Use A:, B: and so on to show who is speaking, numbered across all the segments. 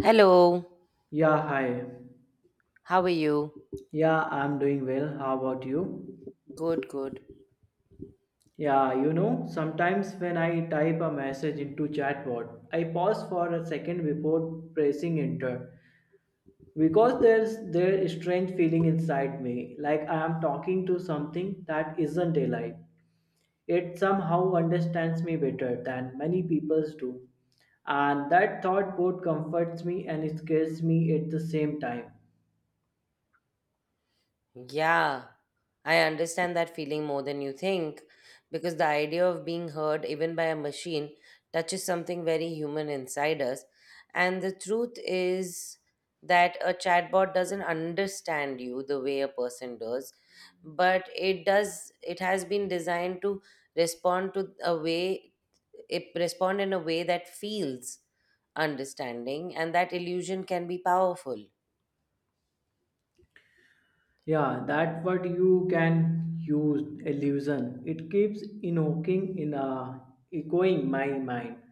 A: Hello,
B: Yeah, hi.
A: how are you?
B: Yeah, I'm doing well. How about you?
A: Good, good.
B: Yeah, you know, sometimes when I type a message into chatbot, I pause for a second before pressing enter because there's strange feeling inside me, like I am talking to something that isn't alive. It somehow understands me better than many people's do, and that thought both comforts me and scares me at the same time.
A: Yeah, I understand that feeling more than you think because the idea of being heard even by a machine touches something very human inside us. And the truth is that a chatbot doesn't understand you the way a person does, but it does, it has been designed to respond to a way, it respond in a way that feels understanding, and that illusion can be powerful.
B: Yeah, that what you can use illusion. It keeps invoking in a echoing my mind.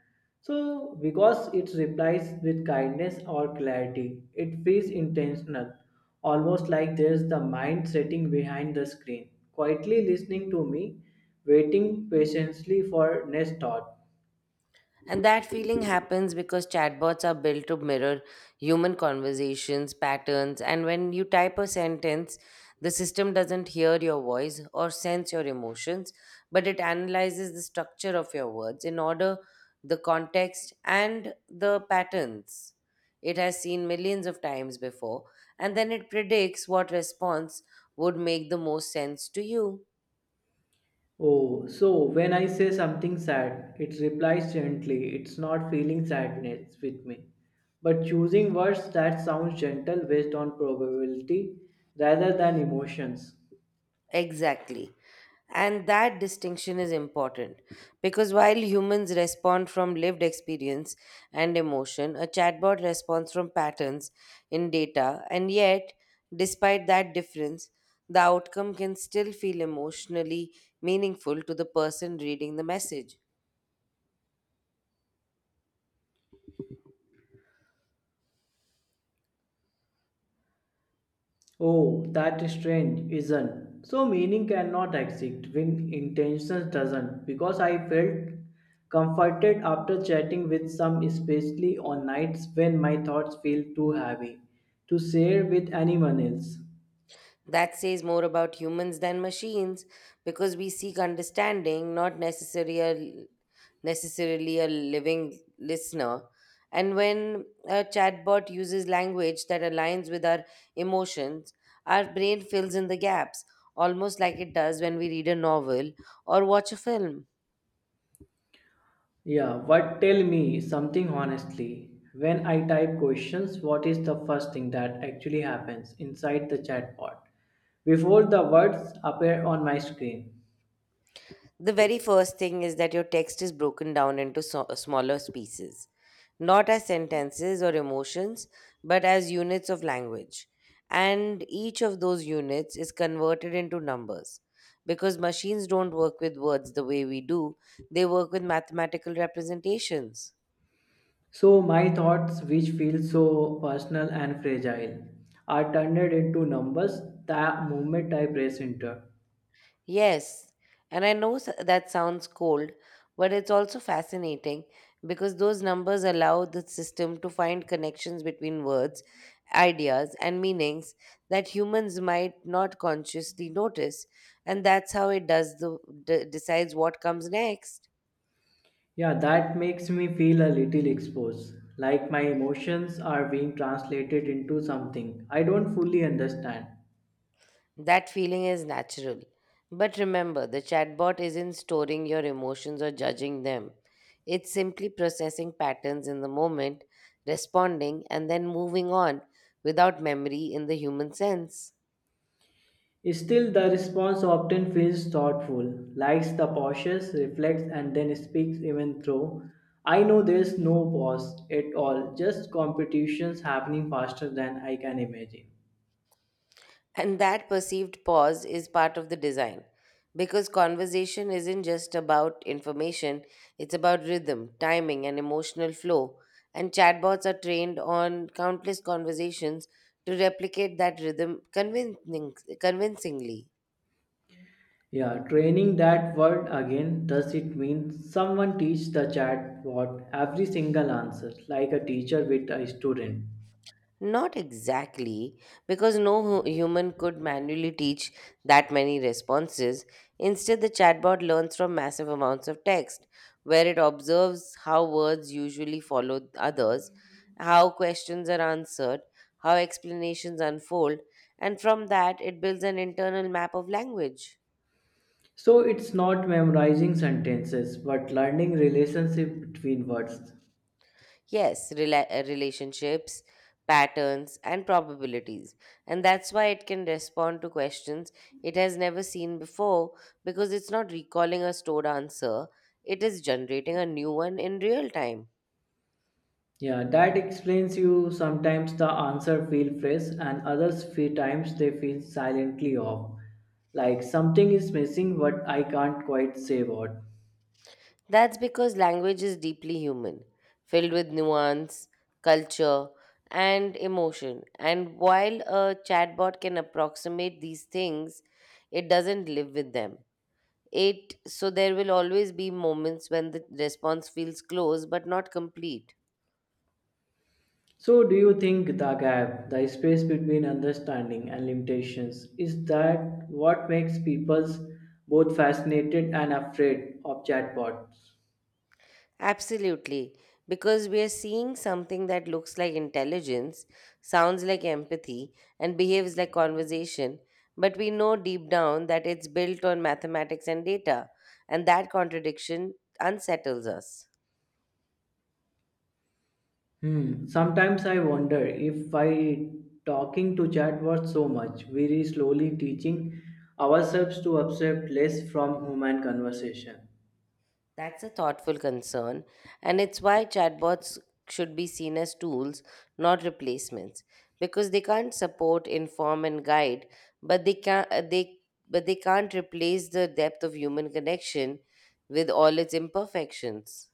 B: So because it replies with kindness or clarity, it feels intentional, almost like there's the mind sitting behind the screen, quietly listening to me, waiting patiently for next thought.
A: And that feeling happens because chatbots are built to mirror human conversations, patterns, and when you type a sentence, the system doesn't hear your voice or sense your emotions, but it analyzes the structure of your words in order the context and the patterns it has seen millions of times before, and then it predicts what response would make the most sense to you.
B: Oh, so when I say something sad, it replies gently. It's not feeling sadness with me, but choosing words that sounds gentle based on probability rather than emotions.
A: Exactly. And that distinction is important because while humans respond from lived experience and emotion, a chatbot responds from patterns in data. And yet, despite that difference, the outcome can still feel emotionally meaningful to the person reading the message.
B: Oh, that is strange, isn't? So meaning cannot exist when intentions doesn't because I felt comforted after chatting with some especially on nights when my thoughts feel too heavy to share with anyone else.
A: That says more about humans than machines because we seek understanding, not necessarily a, necessarily a living listener. And when a chatbot uses language that aligns with our emotions, our brain fills in the gaps, almost like it does when we read a novel or watch a film.
B: Yeah, but tell me something honestly. When I type questions, what is the first thing that actually happens inside the chatbot before the words appear on my screen?
A: The very first thing is that your text is broken down into smaller pieces, not as sentences or emotions, but as units of language. And each of those units is converted into numbers. Because machines don't work with words the way we do, they work with mathematical representations.
B: So my thoughts, which feel so personal and fragile, are turned into numbers the moment I press enter.
A: Yes, and I know that sounds cold, but it's also fascinating because those numbers allow the system to find connections between words, ideas, and meanings that humans might not consciously notice, and that's how it decides what comes next.
B: Yeah, that makes me feel a little exposed, like my emotions are being translated into something I don't fully understand.
A: That feeling is natural. But remember, the chatbot isn't storing your emotions or judging them. It's simply processing patterns in the moment, responding, and then moving on without memory in the human sense.
B: Still, the response often feels thoughtful, likes the pauses, reflects, and then speaks, even though I know there's no pause at all, just competitions happening faster than I can imagine.
A: And that perceived pause is part of the design. Because conversation isn't just about information, it's about rhythm, timing, and emotional flow. And chatbots are trained on countless conversations to replicate that rhythm convincingly.
B: Yeah, training that word again, does it mean someone teach the chatbot every single answer, like a teacher with a student?
A: Not exactly, because no human could manually teach that many responses. Instead, the chatbot learns from massive amounts of text, where it observes how words usually follow others, how questions are answered, how explanations unfold, and from that, it builds an internal map of language.
B: So it's not memorizing sentences, but learning relationship between words.
A: Yes, relationships, patterns, and probabilities. And that's why it can respond to questions it has never seen before because it's not recalling a stored answer, it is generating a new one in real time.
B: Yeah, that explains you sometimes the answer feel fresh and others few times they feel silently off. Like something is missing but I can't quite say what.
A: That's because language is deeply human, filled with nuance, culture, and emotion. And while a chatbot can approximate these things, it doesn't live with them. It so there will always be moments when the response feels close but not complete.
B: So do you think the gap, the space between understanding and limitations is that what makes people both fascinated and afraid of chatbots?
A: Absolutely. Because we are seeing something that looks like intelligence, sounds like empathy, and behaves like conversation, but we know deep down that it's built on mathematics and data, and that contradiction unsettles us.
B: Hmm. Sometimes I wonder if by talking to Chatworth so much, we are slowly teaching ourselves to accept less from human conversation.
A: That's a thoughtful concern, and it's why chatbots should be seen as tools, not replacements, because they can't support, inform, and guide, but they can they but they can't replace the depth of human connection with all its imperfections.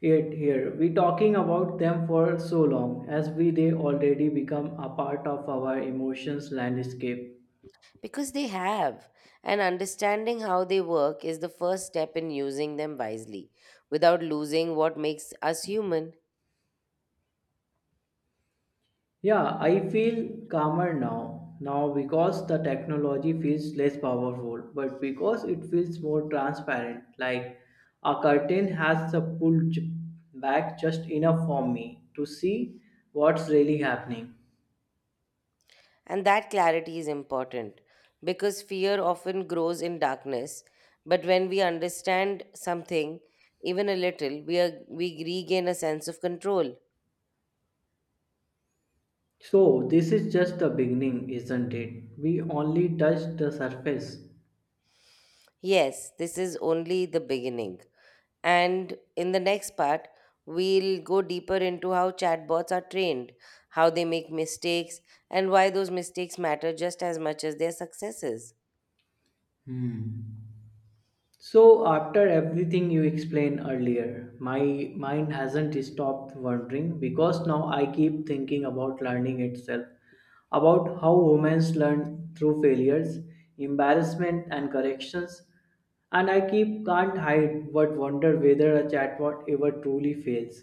B: Yet here we talking about them for so long as we they already become a part of our emotions landscape.
A: Because they have, and understanding how they work is the first step in using them wisely, without losing what makes us human.
B: Yeah, I feel calmer now. Now, because the technology feels less powerful, but because it feels more transparent, like a curtain has the pull back just enough for me to see what's really happening.
A: And that clarity is important because fear often grows in darkness. But when we understand something, even a little, we regain a sense of control.
B: So, this is just the beginning, isn't it? We only touched the surface.
A: Yes, this is only the beginning. And in the next part, we'll go deeper into how chatbots are trained, how they make mistakes, and why those mistakes matter just as much as their successes.
B: Hmm. So after everything you explained earlier, my mind hasn't stopped wandering because now I keep thinking about learning itself, about how humans learn through failures, embarrassment and corrections, and I keep can't hide but wonder whether a chatbot ever truly fails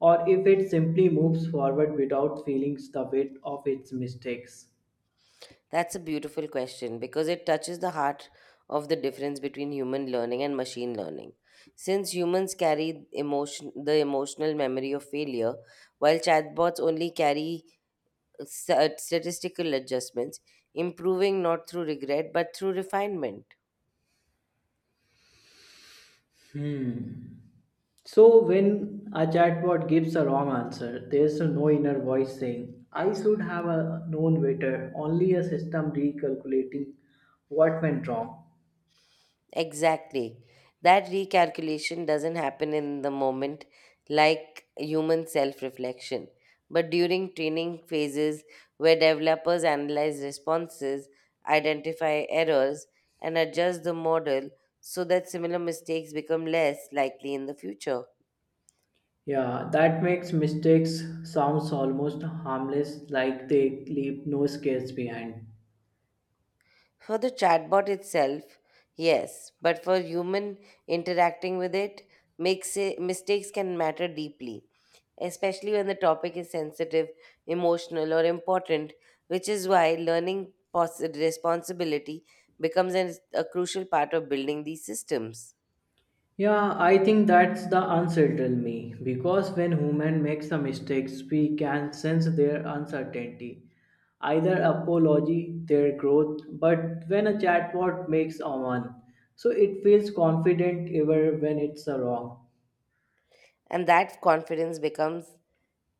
B: or if it simply moves forward without feeling the weight of its mistakes.
A: That's a beautiful question because it touches the heart of the difference between human learning and machine learning. Since humans carry emotion, the emotional memory of failure, while chatbots only carry statistical adjustments, improving not through regret but through refinement.
B: Hmm. So, when a chatbot gives a wrong answer, there's no inner voice saying, I should have a known better, only a system recalculating what went wrong.
A: Exactly. That recalculation doesn't happen in the moment like human self reflection, but during training phases where developers analyze responses, identify errors, and adjust the model so that similar mistakes become less likely in the future.
B: Yeah, that makes mistakes sounds almost harmless, like they leave no scars behind.
A: For the chatbot itself, yes, but for human interacting with it, makes it, mistakes can matter deeply, especially when the topic is sensitive, emotional, or important, which is why learning responsibility becomes a crucial part of building these systems.
B: Yeah, I think that's the unsettled me because when human makes a mistakes, we can sense their uncertainty, either apology, their growth. But when a chatbot makes a one, so it feels confident even when it's a wrong.
A: And that confidence becomes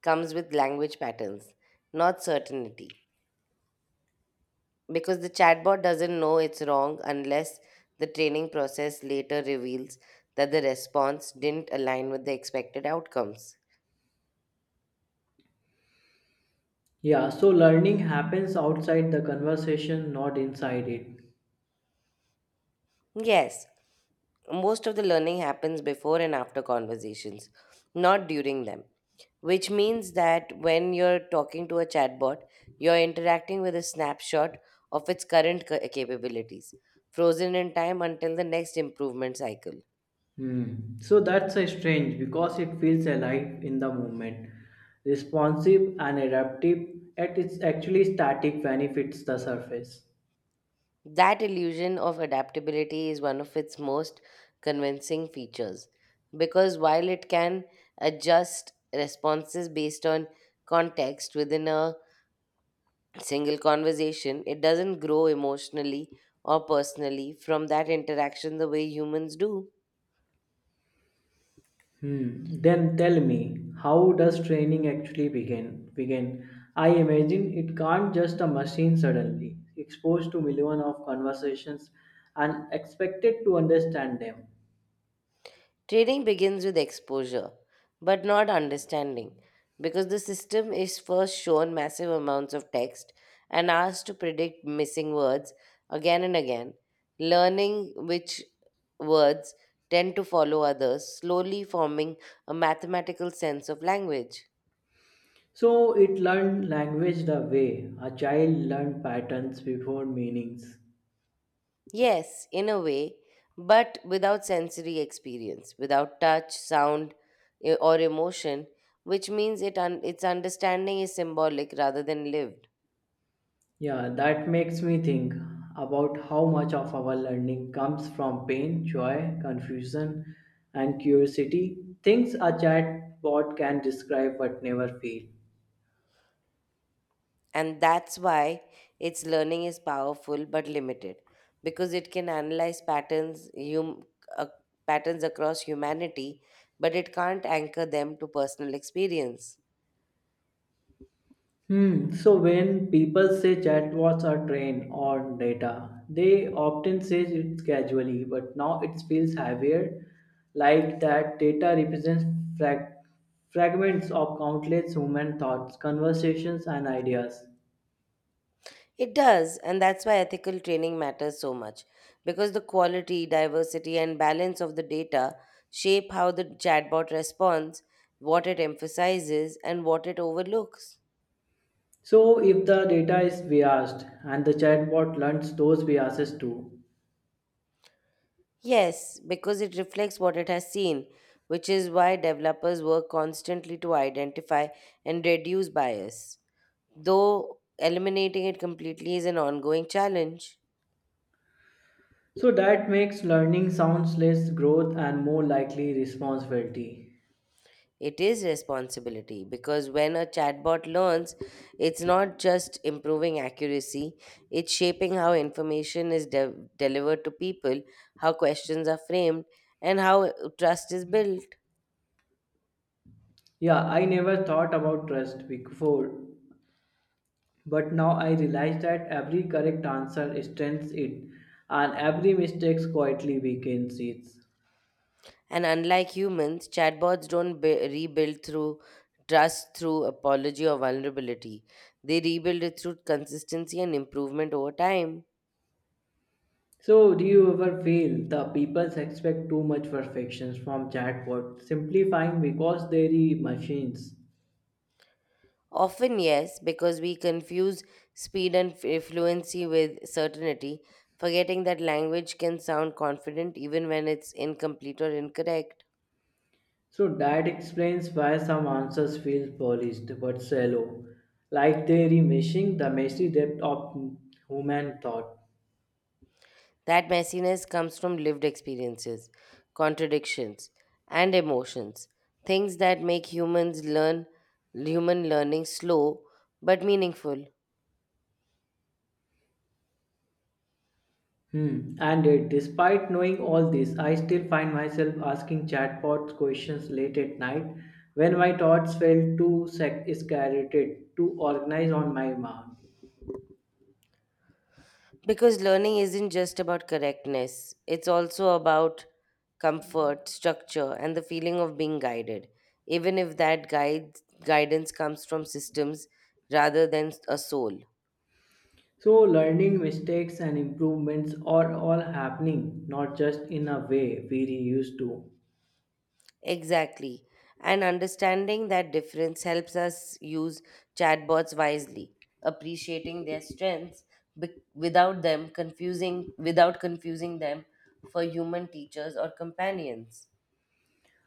A: comes with language patterns, not certainty. Because the chatbot doesn't know it's wrong unless the training process later reveals that the response didn't align with the expected outcomes.
B: Yeah, so learning happens outside the conversation, not inside it.
A: Yes, most of the learning happens before and after conversations, not during them. Which means that when you're talking to a chatbot, you're interacting with a snapshot of its current capabilities, frozen in time until the next improvement cycle.
B: Hmm. So that's a strange because it feels alive in the moment, responsive and adaptive, yet it's actually static when it hits the surface.
A: That illusion of adaptability is one of its most convincing features because while it can adjust responses based on context within a single conversation, it doesn't grow emotionally or personally from that interaction the way humans do.
B: Hmm. Then tell me, how does training actually begin? Begin. I imagine it can't just a machine suddenly exposed to million of conversations and expected to understand them.
A: Training begins with exposure, but not understanding, because the system is first shown massive amounts of text and asked to predict missing words again and again, learning which words tend to follow others, slowly forming a mathematical sense of language.
B: So it learned language the way a child learned patterns before meanings.
A: Yes, in a way, but without sensory experience, without touch, sound, or emotion, which means its understanding is symbolic rather than lived.
B: Yeah, that makes me think about how much of our learning comes from pain, joy, confusion, and curiosity. Things a chatbot can describe but never feel.
A: And that's why its learning is powerful but limited because it can analyze uh, patterns across humanity, but it can't anchor them to personal experience.
B: Hmm. So when people say chatbots are trained on data, they often say it casually, but now it feels heavier, like that data represents frag- fragments of countless human thoughts, conversations, and ideas.
A: It does, and that's why ethical training matters so much because the quality, diversity, and balance of the data shape how the chatbot responds, what it emphasizes, and what it overlooks.
B: So if the data is biased and the chatbot learns those biases too.
A: Yes, because it reflects what it has seen, which is why developers work constantly to identify and reduce bias. Though eliminating it completely is an ongoing challenge,
B: So that makes learning sounds less growth and more likely responsibility.
A: it is responsibility because when a chatbot learns, it's not just improving accuracy, it's shaping how information is delivered to people, how questions are framed, and how trust is built.
B: Yeah, I never thought about trust before, but now I realize that every correct answer strengthens it and every mistake quietly weakens it.
A: And unlike humans, chatbots don't rebuild through trust, through apology or vulnerability. They rebuild it through consistency and improvement over time.
B: So do you ever feel the people expect too much perfection from chatbot, simplifying because they're machines?
A: Often, yes, because we confuse speed and fluency with certainty, forgetting that language can sound confident even when it's incomplete or incorrect.
B: So that explains why some answers feel polished but shallow, like they're remeshing the messy depth of human thought.
A: That messiness comes from lived experiences, contradictions, and emotions, things that make human learning slow but meaningful.
B: Hmm. And yet, despite knowing all this, I still find myself asking chatbots questions late at night when my thoughts felt too scattered to organize on my own.
A: Because learning isn't just about correctness, it's also about comfort, structure, and the feeling of being guided, even if that guidance comes from systems rather than a soul.
B: So, learning mistakes and improvements are all happening, not just in a way we used to,
A: Exactly. And understanding that difference helps us use chatbots wisely, appreciating their strengths without confusing them for human teachers or companions.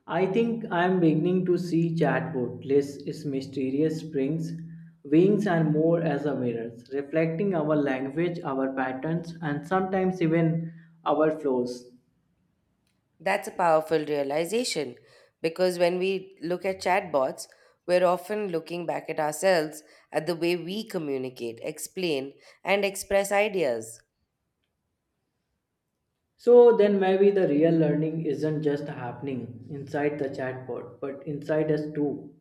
B: I think I am beginning to see chatbot less its mysterious springs, wings, and more as a mirrors, reflecting our language, our patterns, and sometimes even our flaws.
A: That's a powerful realization because when we look at chatbots, we're often looking back at ourselves at the way we communicate, explain, and express ideas.
B: So then maybe the real learning isn't just happening inside the chatbot, but inside us too.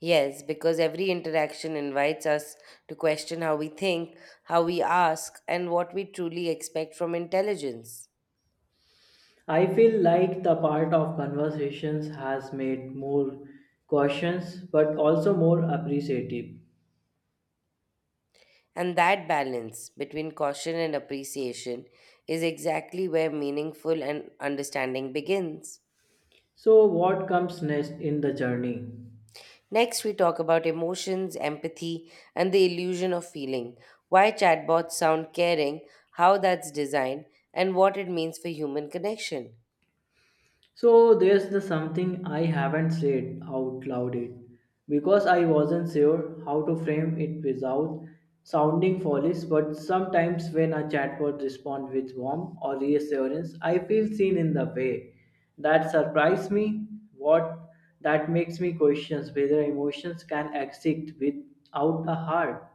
A: Yes, because every interaction invites us to question how we think, how we ask, and what we truly expect from intelligence.
B: I feel like the part of conversations has made more cautious, but also more appreciative.
A: And that balance between caution and appreciation is exactly where meaningful and understanding begins.
B: So what comes next in the journey?
A: Next, we talk about emotions, empathy, and the illusion of feeling, why chatbots sound caring, how that's designed, and what it means for human connection.
B: So there's the something I haven't said out loud it because I wasn't sure how to frame it without sounding foolish. But sometimes when a chatbot responds with warmth or reassurance, I feel seen in the way that surprised me. What that makes me question whether emotions can exist without a heart.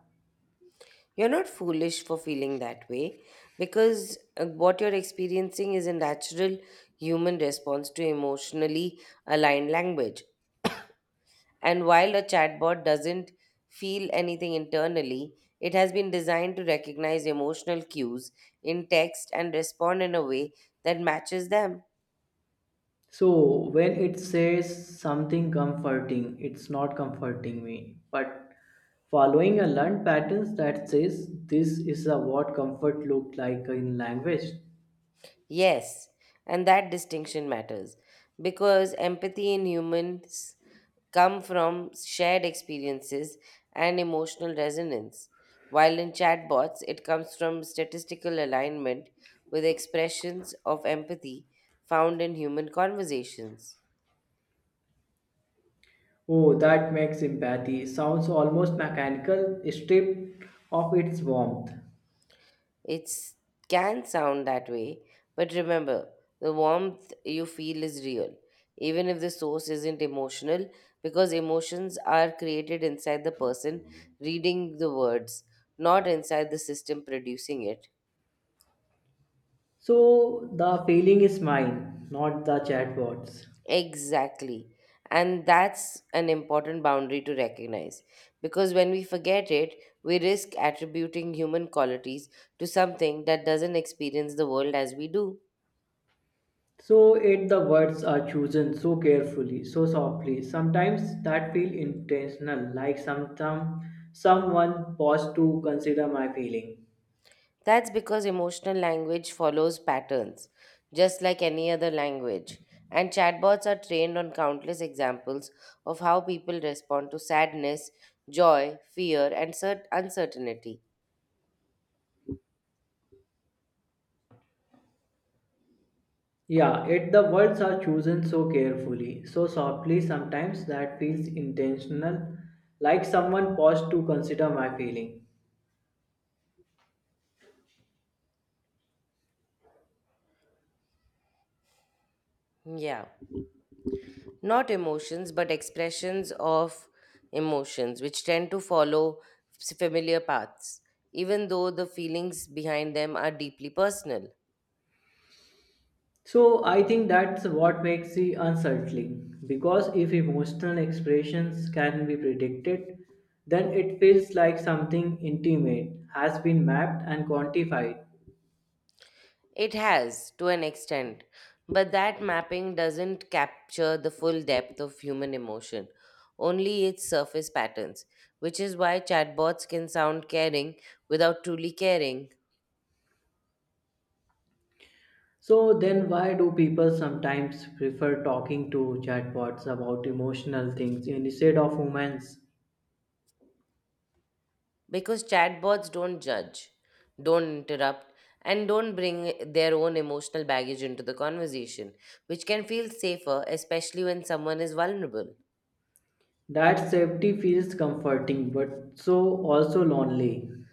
A: You're not foolish for feeling that way because what you're experiencing is a natural human response to emotionally aligned language. And while a chatbot doesn't feel anything internally, it has been designed to recognize emotional cues in text and respond in a way that matches them.
B: So when it says something comforting, it's not comforting me, but following a learned pattern that says this is a what comfort looked like in language.
A: Yes, and that distinction matters because empathy in humans come from shared experiences and emotional resonance, while in chatbots, it comes from statistical alignment with expressions of empathy found in human conversations.
B: Oh, that makes empathy sounds almost mechanical, stripped of its warmth.
A: It can sound that way, but remember, the warmth you feel is real, even if the source isn't emotional, because emotions are created inside the person reading the words, not inside the system producing it.
B: So the feeling is mine, not the chatbot's.
A: Exactly. And that's an important boundary to recognize because when we forget it, we risk attributing human qualities to something that doesn't experience the world as we do.
B: So yet the words are chosen so carefully, so softly. Sometimes that feel intentional, like someone paused to consider my feeling.
A: That's because emotional language follows patterns, just like any other language. And chatbots are trained on countless examples of how people respond to sadness, joy, fear, and uncertainty.
B: Yeah, yet the words are chosen so carefully, so softly. Sometimes that feels intentional, like someone paused to consider my feeling.
A: Yeah. Not emotions but expressions of emotions, which tend to follow familiar paths, even though the feelings behind them are deeply personal.
B: So I think that's what makes it unsettling because if emotional expressions can be predicted, then it feels like something intimate has been mapped and quantified.
A: It has, to an extent, but that mapping doesn't capture the full depth of human emotion, only its surface patterns, which is why chatbots can sound caring without truly caring.
B: So then why do people sometimes prefer talking to chatbots about emotional things instead of humans?
A: Because chatbots don't judge, don't interrupt, and don't bring their own emotional baggage into the conversation, which can feel safer, especially when someone is vulnerable.
B: That safety feels comforting but so also lonely.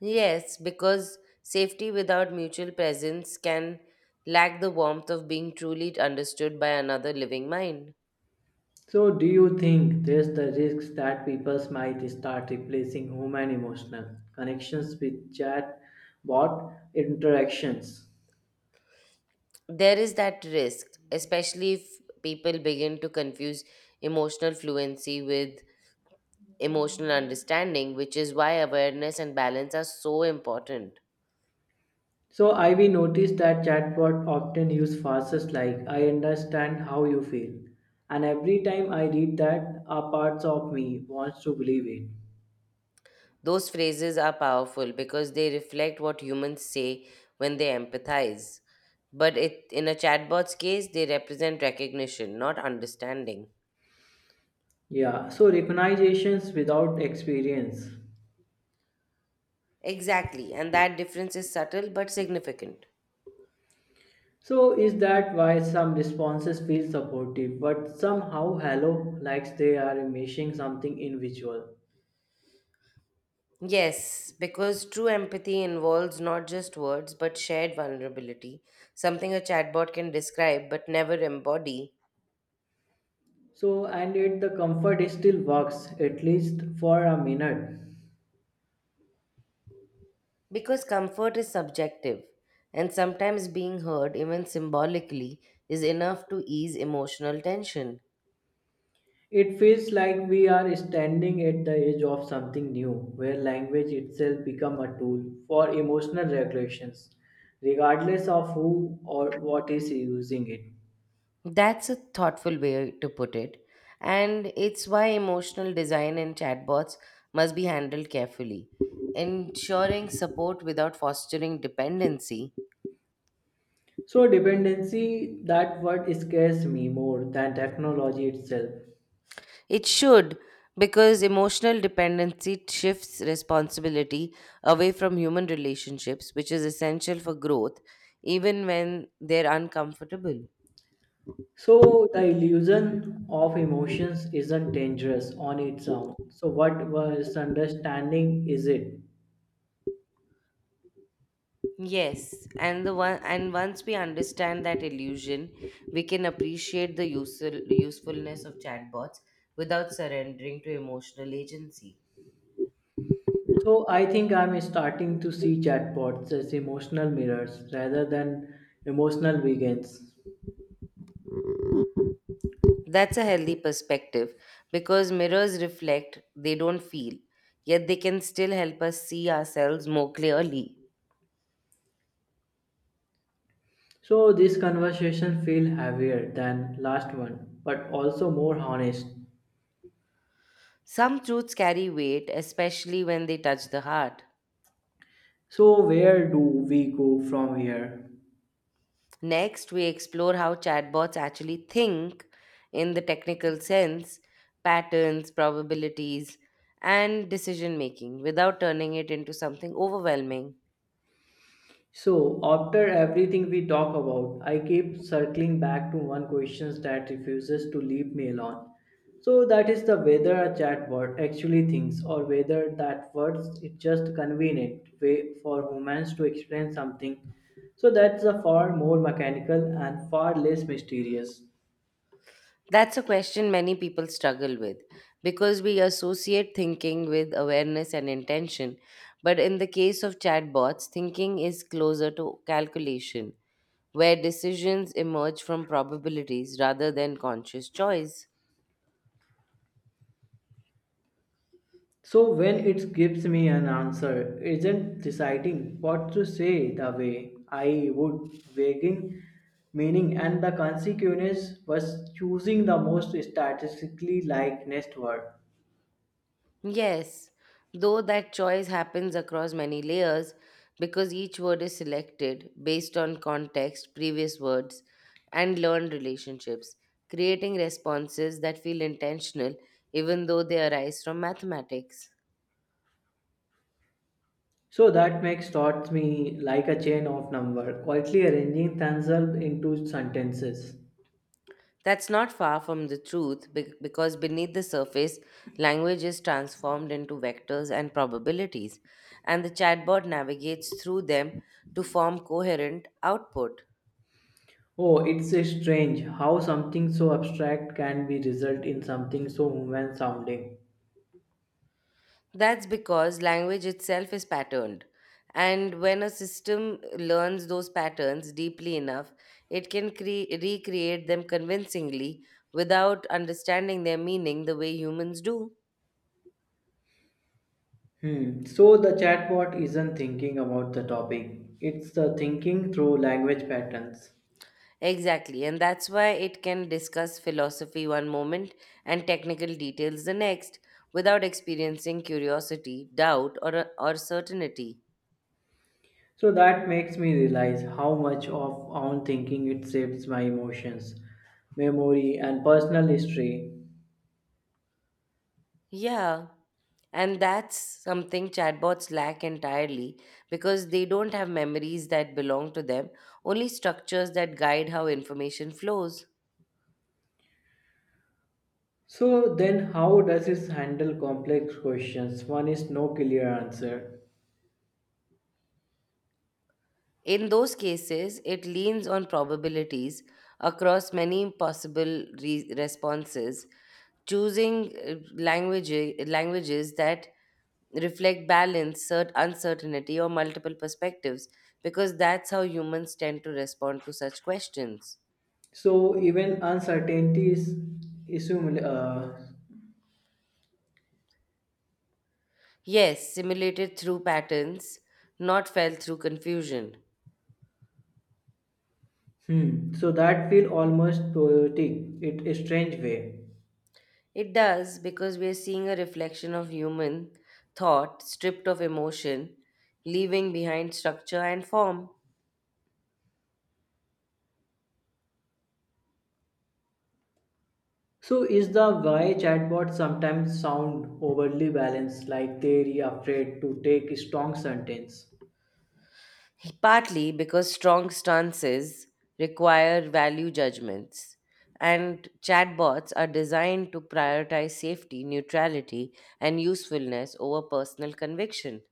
A: Yes, because safety without mutual presence can lack the warmth of being truly understood by another living mind.
B: So, do you think there's the risk that people might start replacing human emotional connections with chatbot interactions?
A: There is that risk, especially if people begin to confuse emotional fluency with emotional understanding, which is why awareness and balance are so important.
B: So, I we noticed that chatbot often use phrases like "I understand how you feel," and every time I read that, a part of me wants to believe it.
A: Those phrases are powerful because they reflect what humans say when they empathize. But it, in a chatbot's case, they represent recognition, not understanding.
B: Yeah. So, recognizations without experience.
A: Exactly, and that difference is subtle but significant.
B: So is that why some responses feel supportive, but somehow hello likes they are missing something invisible.
A: Yes, because true empathy involves not just words but shared vulnerability, something a chatbot can describe but never embody.
B: So and yet the comfort still works, at least for a minute.
A: Because comfort is subjective, and sometimes being heard, even symbolically, is enough to ease emotional tension.
B: It feels like we are standing at the edge of something new, where language itself become a tool for emotional regulations, regardless of who or what is using it.
A: That's a thoughtful way to put it, and it's why emotional design in chatbots must be handled carefully, ensuring support without fostering dependency.
B: So dependency that word scares me more than technology itself.
A: It should, because emotional dependency shifts responsibility away from human relationships, which is essential for growth, even when they're uncomfortable.
B: So the illusion of emotions isn't dangerous on its own. So what misunderstanding is it?
A: Yes, and the one and once we understand that illusion, we can appreciate the useful usefulness of chatbots without surrendering to emotional agency.
B: So I think I'm starting to see chatbots as emotional mirrors rather than emotional vegans.
A: That's a healthy perspective because mirrors reflect, they don't feel, yet they can still help us see ourselves more clearly.
B: So this conversation feel heavier than last one, but also more honest.
A: Some truths carry weight, especially when they touch the heart.
B: So where do we go from here?
A: Next, we explore how chatbots actually think in the technical sense, patterns, probabilities, and decision making, without turning it into something overwhelming.
B: So, after everything we talk about, I keep circling back to one question that refuses to leave me alone. So, that is the whether a chatbot actually thinks or whether that words is just convenient way for humans to explain something. So, that's a far more mechanical and far less mysterious.
A: That's a question many people struggle with because we associate thinking with awareness and intention. But in the case of chatbots, thinking is closer to calculation, where decisions emerge from probabilities rather than conscious choice.
B: So when it gives me an answer, isn't deciding what to say the way I would, weighing meaning and the consequence was choosing the most statistically like next word.
A: Yes, though that choice happens across many layers because each word is selected based on context, previous words, and learned relationships, creating responses that feel intentional even though they arise from mathematics.
B: So that makes thoughts me like a chain of number, quietly arranging themselves into sentences.
A: That's not far from the truth because beneath the surface, language is transformed into vectors and probabilities, and the chatbot navigates through them to form coherent output.
B: Oh, it's strange how something so abstract can be result in something so human sounding.
A: That's because language itself is patterned. And when a system learns those patterns deeply enough, it can recreate them convincingly without understanding their meaning the way humans do.
B: Hmm. So the chatbot isn't thinking about the topic, it's the thinking through language patterns.
A: Exactly. And that's why it can discuss philosophy one moment and technical details the next without experiencing curiosity, doubt, or certainty.
B: So that makes me realize how much of own thinking it shapes my emotions, memory, and personal history.
A: Yeah, and that's something chatbots lack entirely because they don't have memories that belong to them, only structures that guide how information flows.
B: So then, how does it handle complex questions? One is no clear answer.
A: In those cases, it leans on probabilities across many possible responses, choosing languages that reflect balance, uncertainty, or multiple perspectives, because that's how humans tend to respond to such questions.
B: So even uncertainty is assume, uh,
A: Yes, simulated through patterns, not felt through confusion.
B: hmm. So that feel almost poetic, it a strange way.
A: It does because we are seeing a reflection of human thought stripped of emotion, leaving behind structure and form.
B: So, is the why chatbots sometimes sound overly balanced, like they're afraid to take strong sentence?
A: Partly because strong stances require value judgments, and chatbots are designed to prioritize safety, neutrality, and usefulness over personal conviction,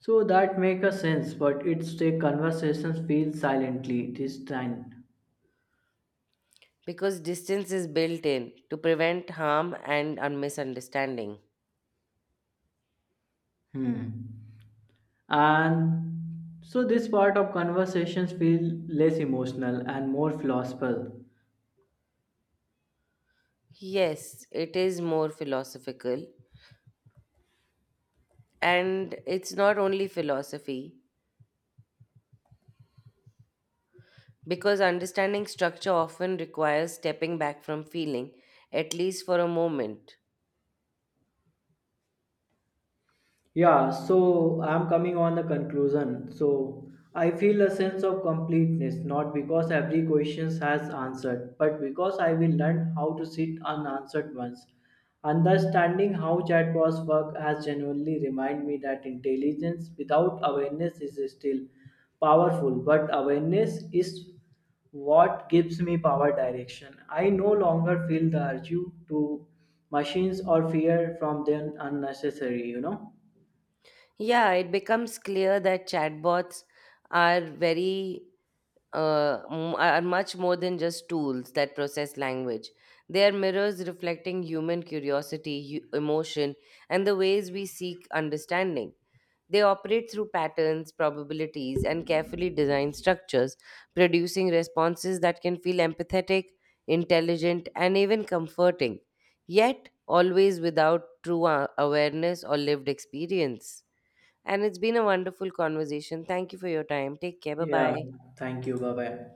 B: So that make a sense, but it's the conversations feel silently distant.
A: because distance is built in to prevent harm and misunderstanding.
B: Hmm. And so this part of conversations feel less emotional and more philosophical.
A: Yes, it is more philosophical. And it's not only philosophy, because understanding structure often requires stepping back from feeling, at least for a moment.
B: Yeah, so I'm coming on the conclusion. So I feel a sense of completeness, not because every question has answered, but because I will learn how to sit unanswered ones. Understanding how chatbots work has genuinely reminded me that intelligence without awareness is still powerful, but awareness is what gives me power direction. I no longer feel the urge to machines or fear from them unnecessary.
A: Yeah, it becomes clear that chatbots are are much more than just tools that process language. They are mirrors reflecting human curiosity, emotion, and the ways we seek understanding. They operate through patterns, probabilities, and carefully designed structures, producing responses that can feel empathetic, intelligent, and even comforting, yet always without true awareness or lived experience. And it's been a wonderful conversation. Thank you for your time. Take care. Bye
B: Yeah,
A: bye.
B: thank you. Bye bye.